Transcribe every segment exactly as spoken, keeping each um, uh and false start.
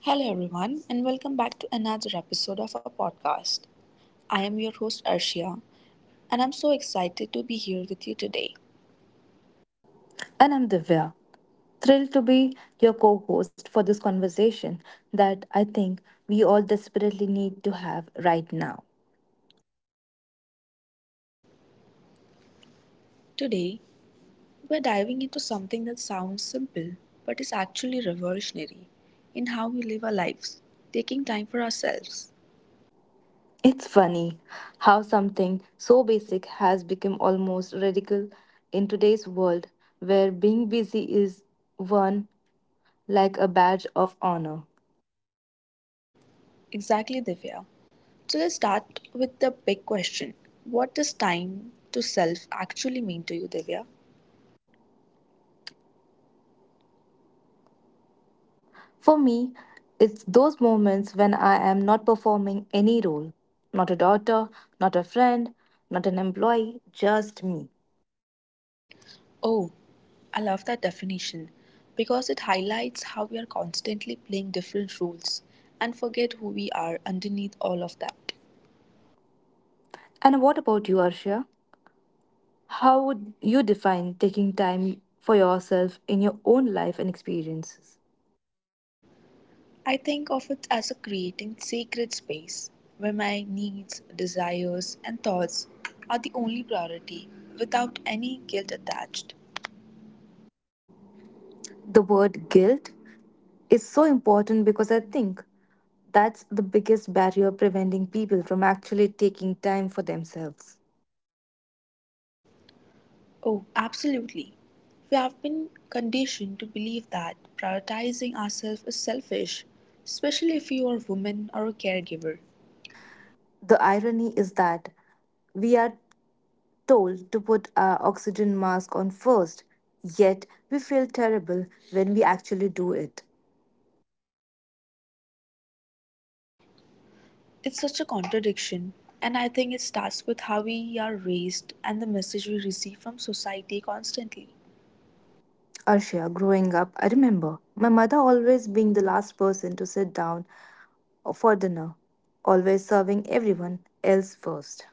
Hello, everyone, and welcome back to another episode of our podcast. I am your host, Arshia, and I'm so excited to be here with you today. And I'm Divya. Thrilled to be your co host for this conversation that I think we all desperately need to have right now. Today, we're diving into something that sounds simple but is actually revolutionary in how we live our lives, taking time for ourselves. It's funny how something so basic has become almost radical in today's world where being busy is worn like a badge of honor. Exactly, Divya. So, let's start with the big question. What does time to self actually mean to you, Divya? For me, it's those moments when I am not performing any role not a daughter, not a friend, not an employee, just me. Oh, I love that definition because it highlights how we are constantly playing different roles and forget who we are underneath all of that. And what about you, Arshia? How would you define taking time for yourself in your own life and experiences? I think of it as a creating sacred space where my needs, desires, and thoughts are the only priority without any guilt attached. The word guilt is so important because I think that's the biggest barrier preventing people from actually taking time for themselves. Oh, absolutely. We have been conditioned to believe that prioritizing ourselves is selfish, especially if you are a woman or a caregiver. The irony is that we are told to put our oxygen mask on first, yet we feel terrible when we actually do it. It's such a contradiction, and I think it starts with how we are raised and the message we receive from society constantly. Arshia, growing up, I remember my mother always being the last person to sit down for dinner, always serving everyone else first.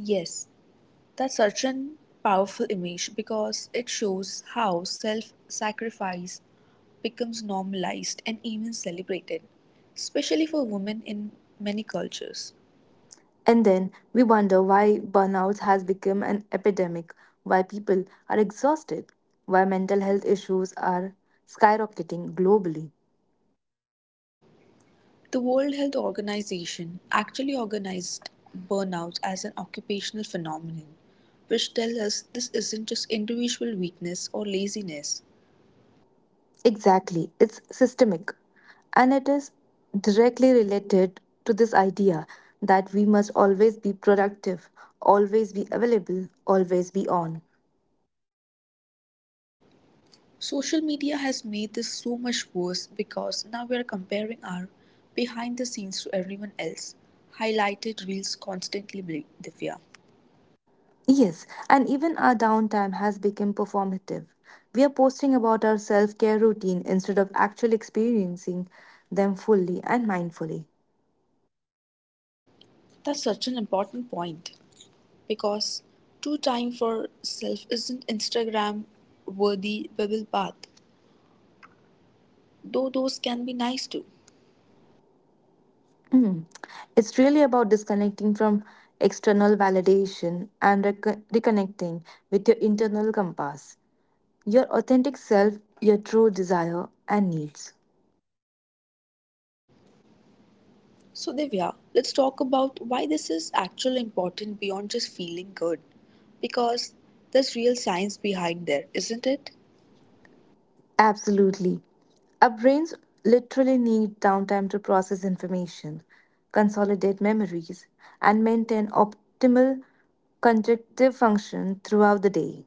Yes, that's such an powerful image because it shows how self sacrifice becomes normalized and even celebrated, especially for women in many cultures. And then we wonder why burnout has become an epidemic, why people are exhausted, why mental health issues are skyrocketing globally. The World Health Organization actually organized burnout as an occupational phenomenon, which tells us this isn't just individual weakness or laziness. Exactly, it's systemic. And it is directly related to this idea that we must always be productive, always be available, always be on. Social media has made this so much worse because now we are comparing our behind the scenes to everyone else. Highlighted reels constantly, Bli- Divya. Yes, and even our downtime has become performative. We are posting about our self care routine instead of actually experiencing them fully and mindfully. That's such an important point because two time for self isn't Instagram worthy bubble bath, though those can be nice too. Mm. It's really about disconnecting from external validation and recon- reconnecting with your internal compass, your authentic self, your true desire and needs. So, Divya, let's talk about why this is actually important beyond just feeling good because there's real science behind there, isn't it? Absolutely. Our brains literally need downtime to process information, consolidate memories, and maintain optimal conjunctive function throughout the day.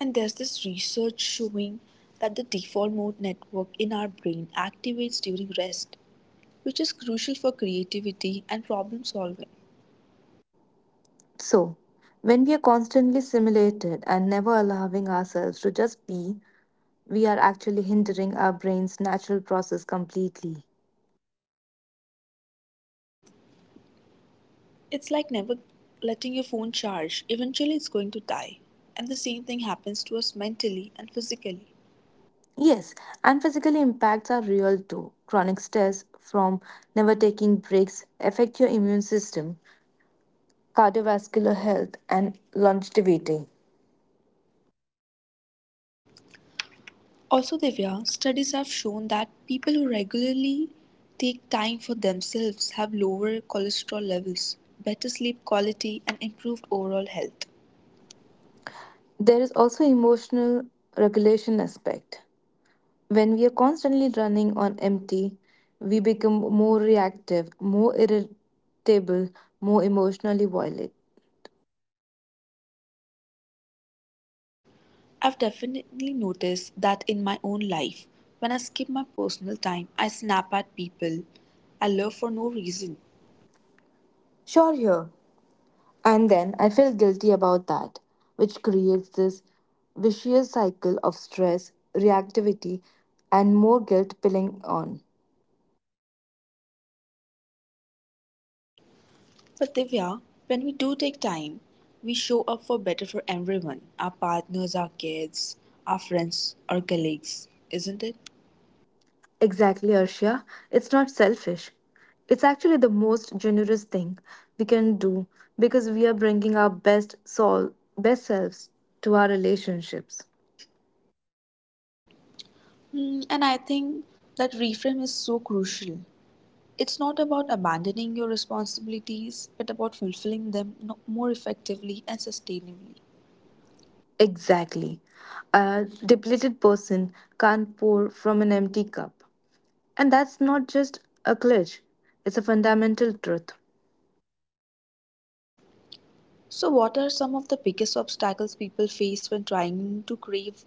And there's this research showing that the default mode network in our brain activates during rest, which is crucial for creativity and problem solving. So, when we are constantly simulated and never allowing ourselves to just be, we are actually hindering our brain's natural process completely. It's like never letting your phone charge, eventually, it's going to die. And the same thing happens to us mentally and physically. Yes, and physically impacts are real too. Chronic stress from never taking breaks affect your immune system, cardiovascular health and longevity. Also, Divya, studies have shown that people who regularly take time for themselves have lower cholesterol levels, better sleep quality, and improved overall health. There is also emotional regulation aspect. When we are constantly running on empty, we become more reactive, more irritable, more emotionally violent. I've definitely noticed that in my own life. When I skip my personal time, I snap at people I love for no reason. Sure, here. And then I feel guilty about that, which creates this vicious cycle of stress, reactivity, and more guilt piling on. But Divya, when we do take time, we show up for better for everyone our partners, our kids, our friends, our colleagues, isn't it? Exactly, Arshia. It's not selfish. It's actually the most generous thing we can do because we are bringing our best soul, best selves to our relationships. Hmm, and I think that reframe is so crucial. It's not about abandoning your responsibilities, but about fulfilling them no- more effectively and sustainably. Exactly. A depleted person can't pour from an empty cup. And that's not just a glitch, it's a fundamental truth. So, what are some of the biggest obstacles people face when trying to crave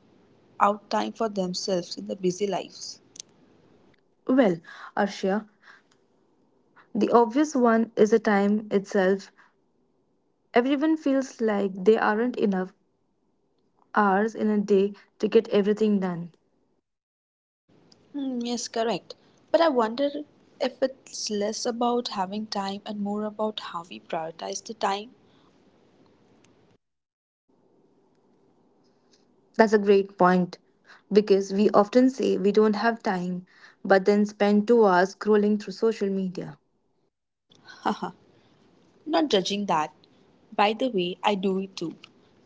out time for themselves in their busy lives? Well, Arshia, the obvious one is the time itself. Everyone feels like they aren't enough hours in a day to get everything done. Hmm, yes, correct. But I wonder if it's less about having time and more about how we prioritize the time. That's a great point because we often say we don't have time, but then spend two hours scrolling through social media. Haha, not judging that. By the way, I do it too.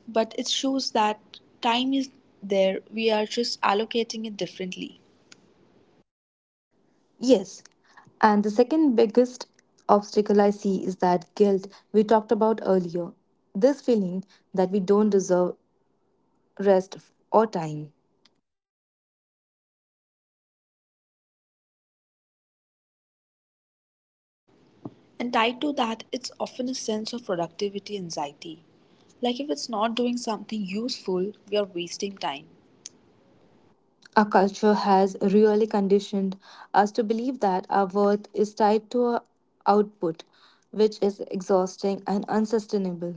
But it shows that time is there, we are just allocating it differently. Yes, and the second biggest obstacle I see is that guilt we talked about earlier. This feeling that we don't deserve rest or time. And tied to that, it's often a sense of productivity anxiety. Like if it's not doing something useful, we are wasting time. Our culture has really conditioned us to believe that our worth is tied to our output, which is exhausting and unsustainable.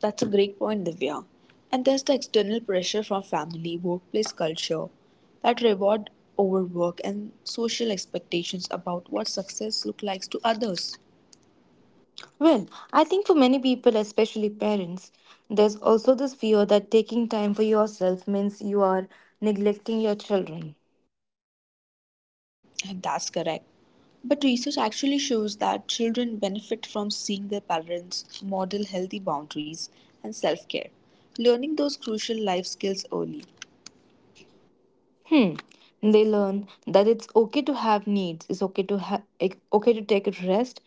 That's a great point, Divya. And there's the external pressure from family, workplace culture that reward overwork and social expectations about what success looks like to others. Well, I think for many people, especially parents, there's also this fear that taking time for yourself means you are neglecting your children. And that's correct. But research actually shows that children benefit from seeing their parents model healthy boundaries and self care, learning those crucial life skills early. Hmm. They learn that it's okay to have needs, it's okay to ha- ec- okay to take a rest,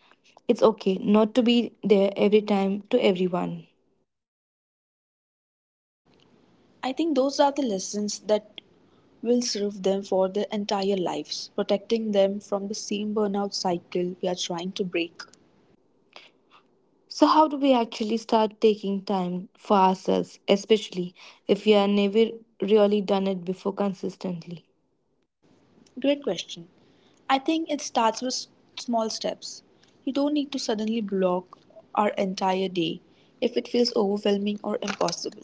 it's okay not to be there every time to everyone. I think those are the lessons that will serve them for their entire lives, protecting them from the same burnout cycle we are trying to break. So how do we actually start taking time for ourselves, especially if we are never really done it before consistently? Great question. I think it starts with s- small steps. You don't need to suddenly block our entire day if it feels overwhelming or impossible.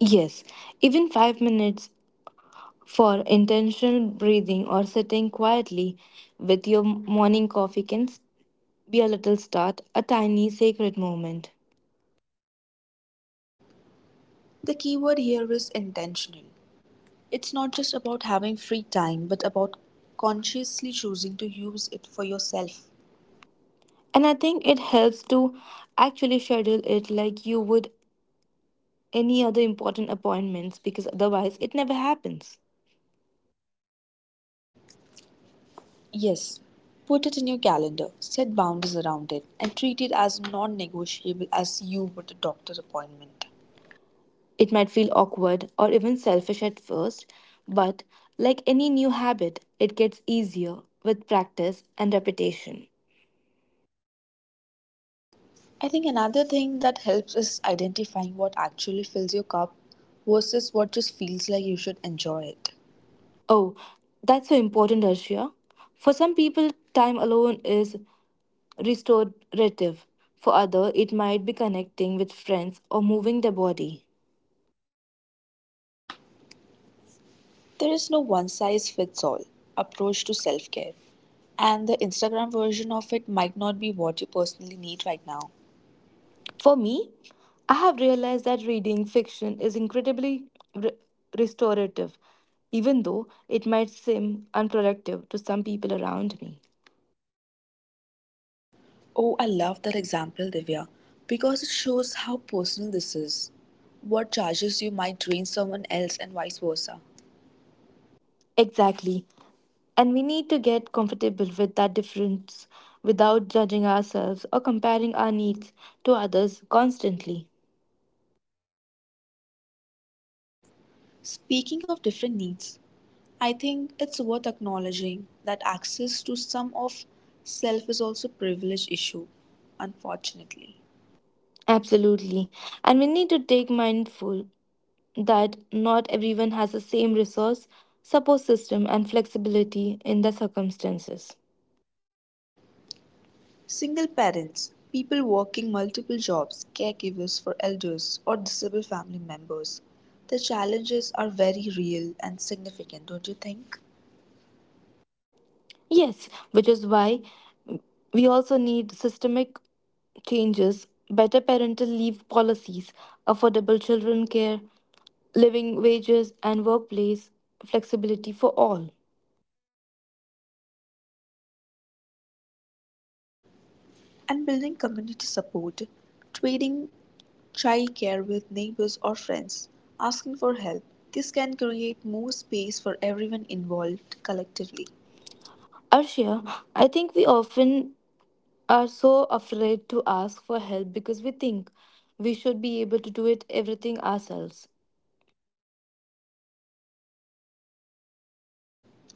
Yes, even five minutes for intentional breathing or sitting quietly with your morning coffee can be a little start, a tiny sacred moment. The key word here is intentional. It's not just about having free time, but about consciously choosing to use it for yourself. And I think it helps to actually schedule it like you would any other important appointments because otherwise it never happens. Yes, put it in your calendar, set boundaries around it, and treat it as non negotiable as you would a doctor appointment. It might feel awkward or even selfish at first, but like any new habit, it gets easier with practice and repetition. I think another thing that helps is identifying what actually fills your cup versus what just feels like you should enjoy it. Oh, that's so important, Arshia. For some people, time alone is restorative. For other, it might be connecting with friends or moving their body. There is no one size fits all approach to self care, and the Instagram version of it might not be what you personally need right now. For me, I have realized that reading fiction is incredibly re- restorative, even though it might seem unproductive to some people around me. Oh, I love that example, Divya, because it shows how personal this is. What charges you might drain someone else, and vice versa. Exactly. And we need to get comfortable with that difference without judging ourselves or comparing our needs to others constantly. Speaking of different needs, I think it's worth acknowledging that access to some of self is also a privilege issue, unfortunately. Absolutely. And we need to take mindful that not everyone has the same resource, support system, and flexibility in their circumstances. Single parents, people working multiple jobs, caregivers for elders or disabled family members, the challenges are very real and significant, don't you think? Yes, which is why we also need systemic changes, better parental leave policies, affordable children care, living wages, and workplace flexibility for all. And building community support, trading childcare with neighbors or friends, asking for help. This can create more space for everyone involved collectively. Arshia, I think we often are so afraid to ask for help because we think we should be able to do it everything ourselves.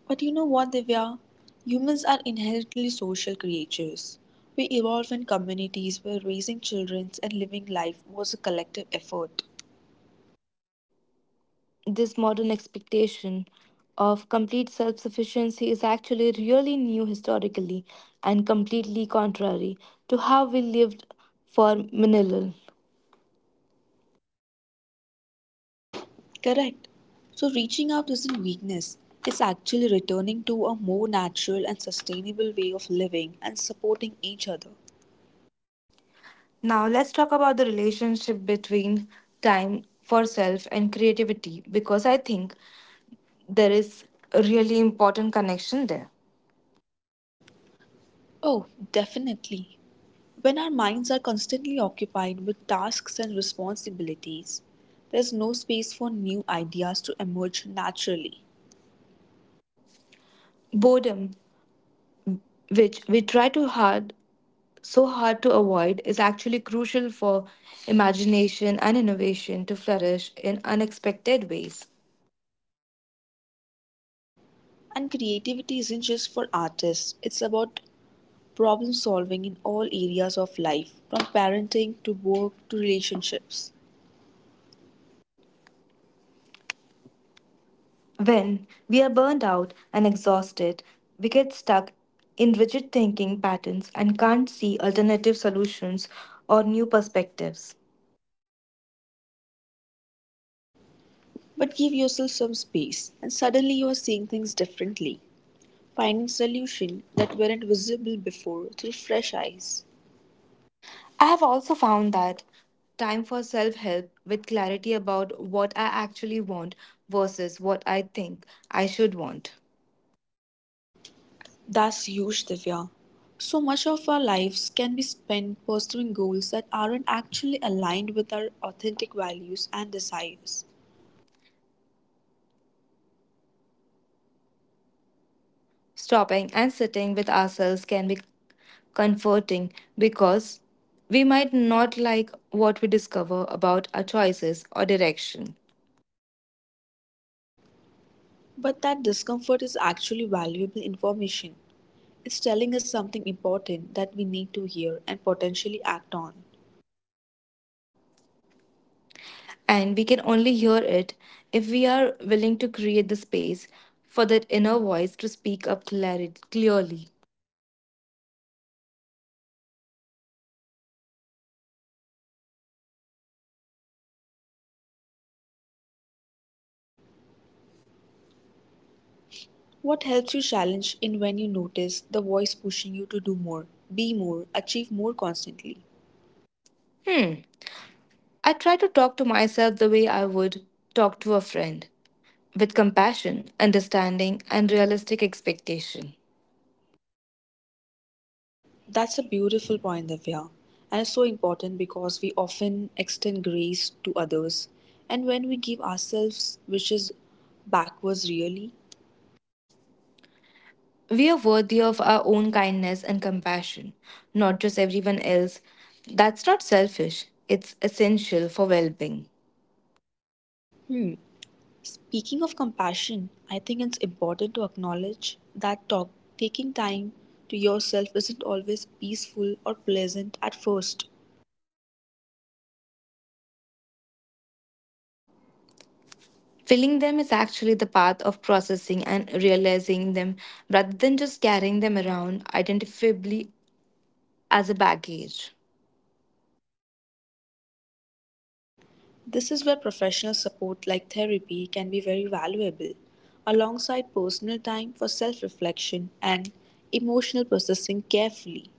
But you know what, Divya? Humans are inherently social creatures. We evolve in communities where raising children and living life was a collective effort. This modern expectation of complete self sufficiency is actually really new historically and completely contrary to how we lived for millennia. Correct. So, reaching out isn't weakness, it's actually returning to a more natural and sustainable way of living and supporting each other. Now, let's talk about the relationship between time for self and creativity because I think there is a really important connection there. Oh, definitely. When our minds are constantly occupied with tasks and responsibilities, there's no space for new ideas to emerge naturally. Boredom, which we try too hard so hard to avoid is actually crucial for imagination and innovation to flourish in unexpected ways. And creativity isn't just for artists, it's about problem solving in all areas of life, from parenting to work to relationships. When we are burned out and exhausted, we get stuck in rigid thinking patterns and can't see alternative solutions or new perspectives. But give yourself some space, and suddenly you are seeing things differently, finding solutions that weren't visible before through fresh eyes. I have also found that time for self help with clarity about what I actually want versus what I think I should want. That's huge, Divya. So much of our lives can be spent pursuing goals that aren't actually aligned with our authentic values and desires. Stopping and sitting with ourselves can be comforting because we might not like what we discover about our choices or direction. But that discomfort is actually valuable information. It's telling us something important that we need to hear and potentially act on. And we can only hear it if we are willing to create the space for that inner voice to speak up clari- clearly. What helps you challenge in when you notice the voice pushing you to do more, be more, achieve more constantly? Hmm. I try to talk to myself the way I would talk to a friend with compassion, understanding, and realistic expectation. That's a beautiful point, Divya. And it's so important because we often extend grace to others. And when we give ourselves wishes backwards, really? We are worthy of our own kindness and compassion, not just everyone else. That's not selfish, it's essential for well being. Hmm. Speaking of compassion, I think it's important to acknowledge that talk, taking time to yourself isn't always peaceful or pleasant at first. Feeling them is actually the path of processing and realizing them rather than just carrying them around identifiably as a baggage. This is where professional support like therapy can be very valuable, alongside personal time for self reflection and emotional processing carefully.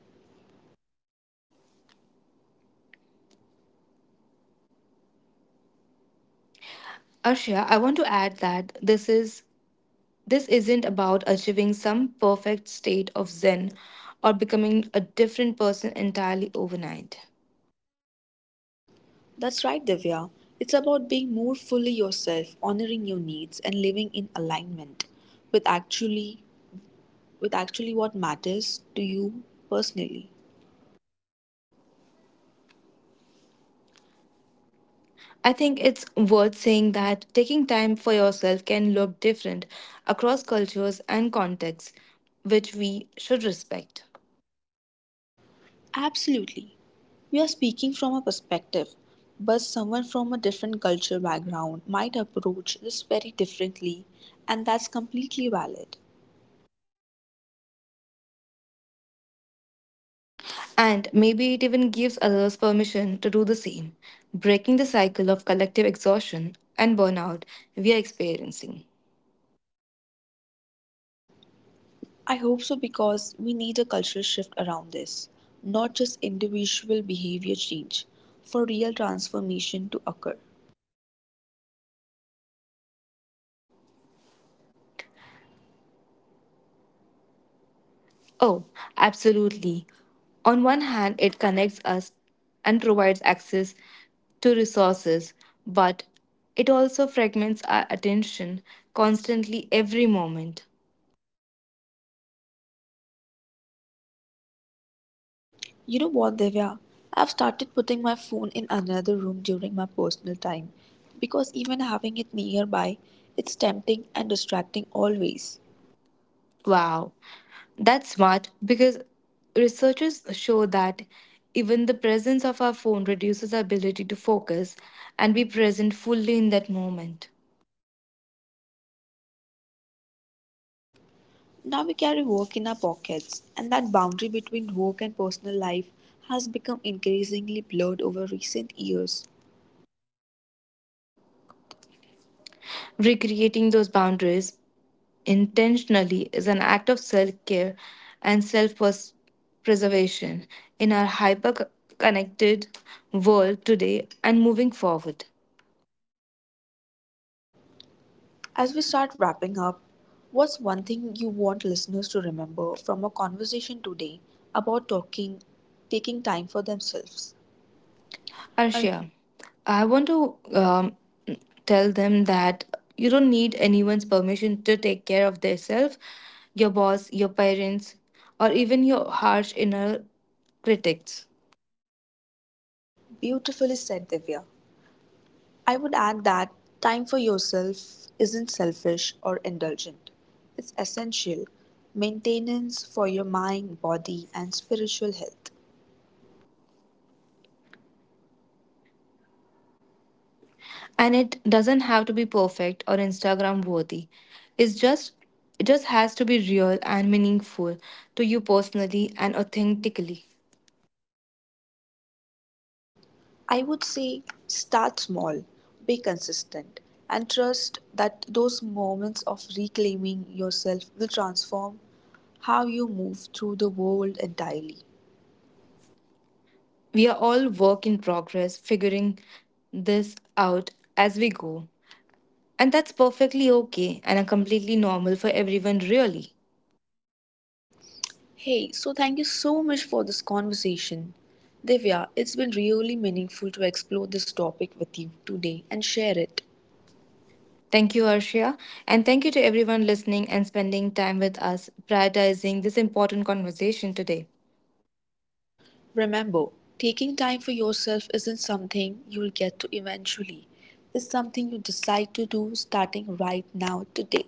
Arshia, I want to add that this is this isn't about achieving some perfect state of zen or becoming a different person entirely overnight. That's right, Divya. It's about being more fully yourself, honoring your needs, and living in alignment with actually with actually what matters to you personally. I think it's worth saying that taking time for yourself can look different across cultures and contexts, which we should respect. Absolutely. We are speaking from a perspective, but someone from a different culture background might approach this very differently, and that's completely valid. And maybe it even gives others permission to do the same, breaking the cycle of collective exhaustion and burnout we are experiencing. I hope so because we need a cultural shift around this, not just individual behavior change, for real transformation to occur. Oh, absolutely. On one hand, it connects us and provides access to resources, but it also fragments our attention constantly every moment. You know what, Divya? I've started putting my phone in another room during my personal time because even having it nearby, it's tempting and distracting always. Wow, that's smart because researchers show that even the presence of our phone reduces our ability to focus and be present fully in that moment. Now we carry work in our pockets, and that boundary between work and personal life has become increasingly blurred over recent years. Recreating those boundaries intentionally is an act of self care and self preservation in our hyper connected world today and moving forward. As we start wrapping up, what's one thing you want listeners to remember from our conversation today about talking, taking time for themselves? Arshia, I want to um, tell them that you don't need anyone's permission to take care of themselves, your boss, your parents, or even your harsh inner critics. Beautifully said, Divya. I would add that time for yourself isn't selfish or indulgent. It's essential maintenance for your mind, body, and spiritual health. And it doesn't have to be perfect or Instagram worthy. It's just it just has to be real and meaningful to you personally and authentically. I would say start small, be consistent, and trust that those moments of reclaiming yourself will transform how you move through the world entirely. We are all work in progress, figuring this out as we go. And that's perfectly okay and are completely normal for everyone, really. Hey, so thank you so much for this conversation. Divya, it's been really meaningful to explore this topic with you today and share it. Thank you, Arshia. And thank you to everyone listening and spending time with us, prioritizing this important conversation today. Remember, taking time for yourself isn't something you'll get to eventually. It's something you decide to do starting right now today.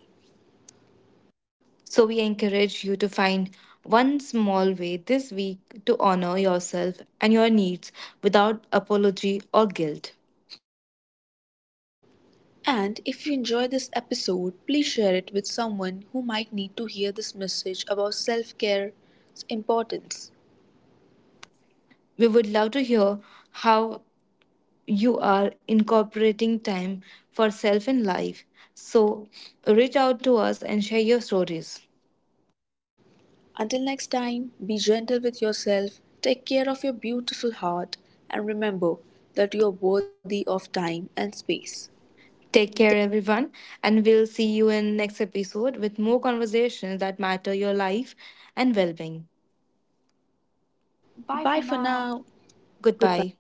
So, we encourage you to find one small way this week to honor yourself and your needs without apology or guilt. And if you enjoy this episode, please share it with someone who might need to hear this message about self care's importance. We would love to hear how you are incorporating time for self in life. So, reach out to us and share your stories. Until next time, be gentle with yourself, take care of your beautiful heart, and remember that you are worthy of time and space. Take care, everyone, and we'll see you in next episode with more conversations that matter your life and well being. Bye Bye for for now. now. Goodbye. Goodbye.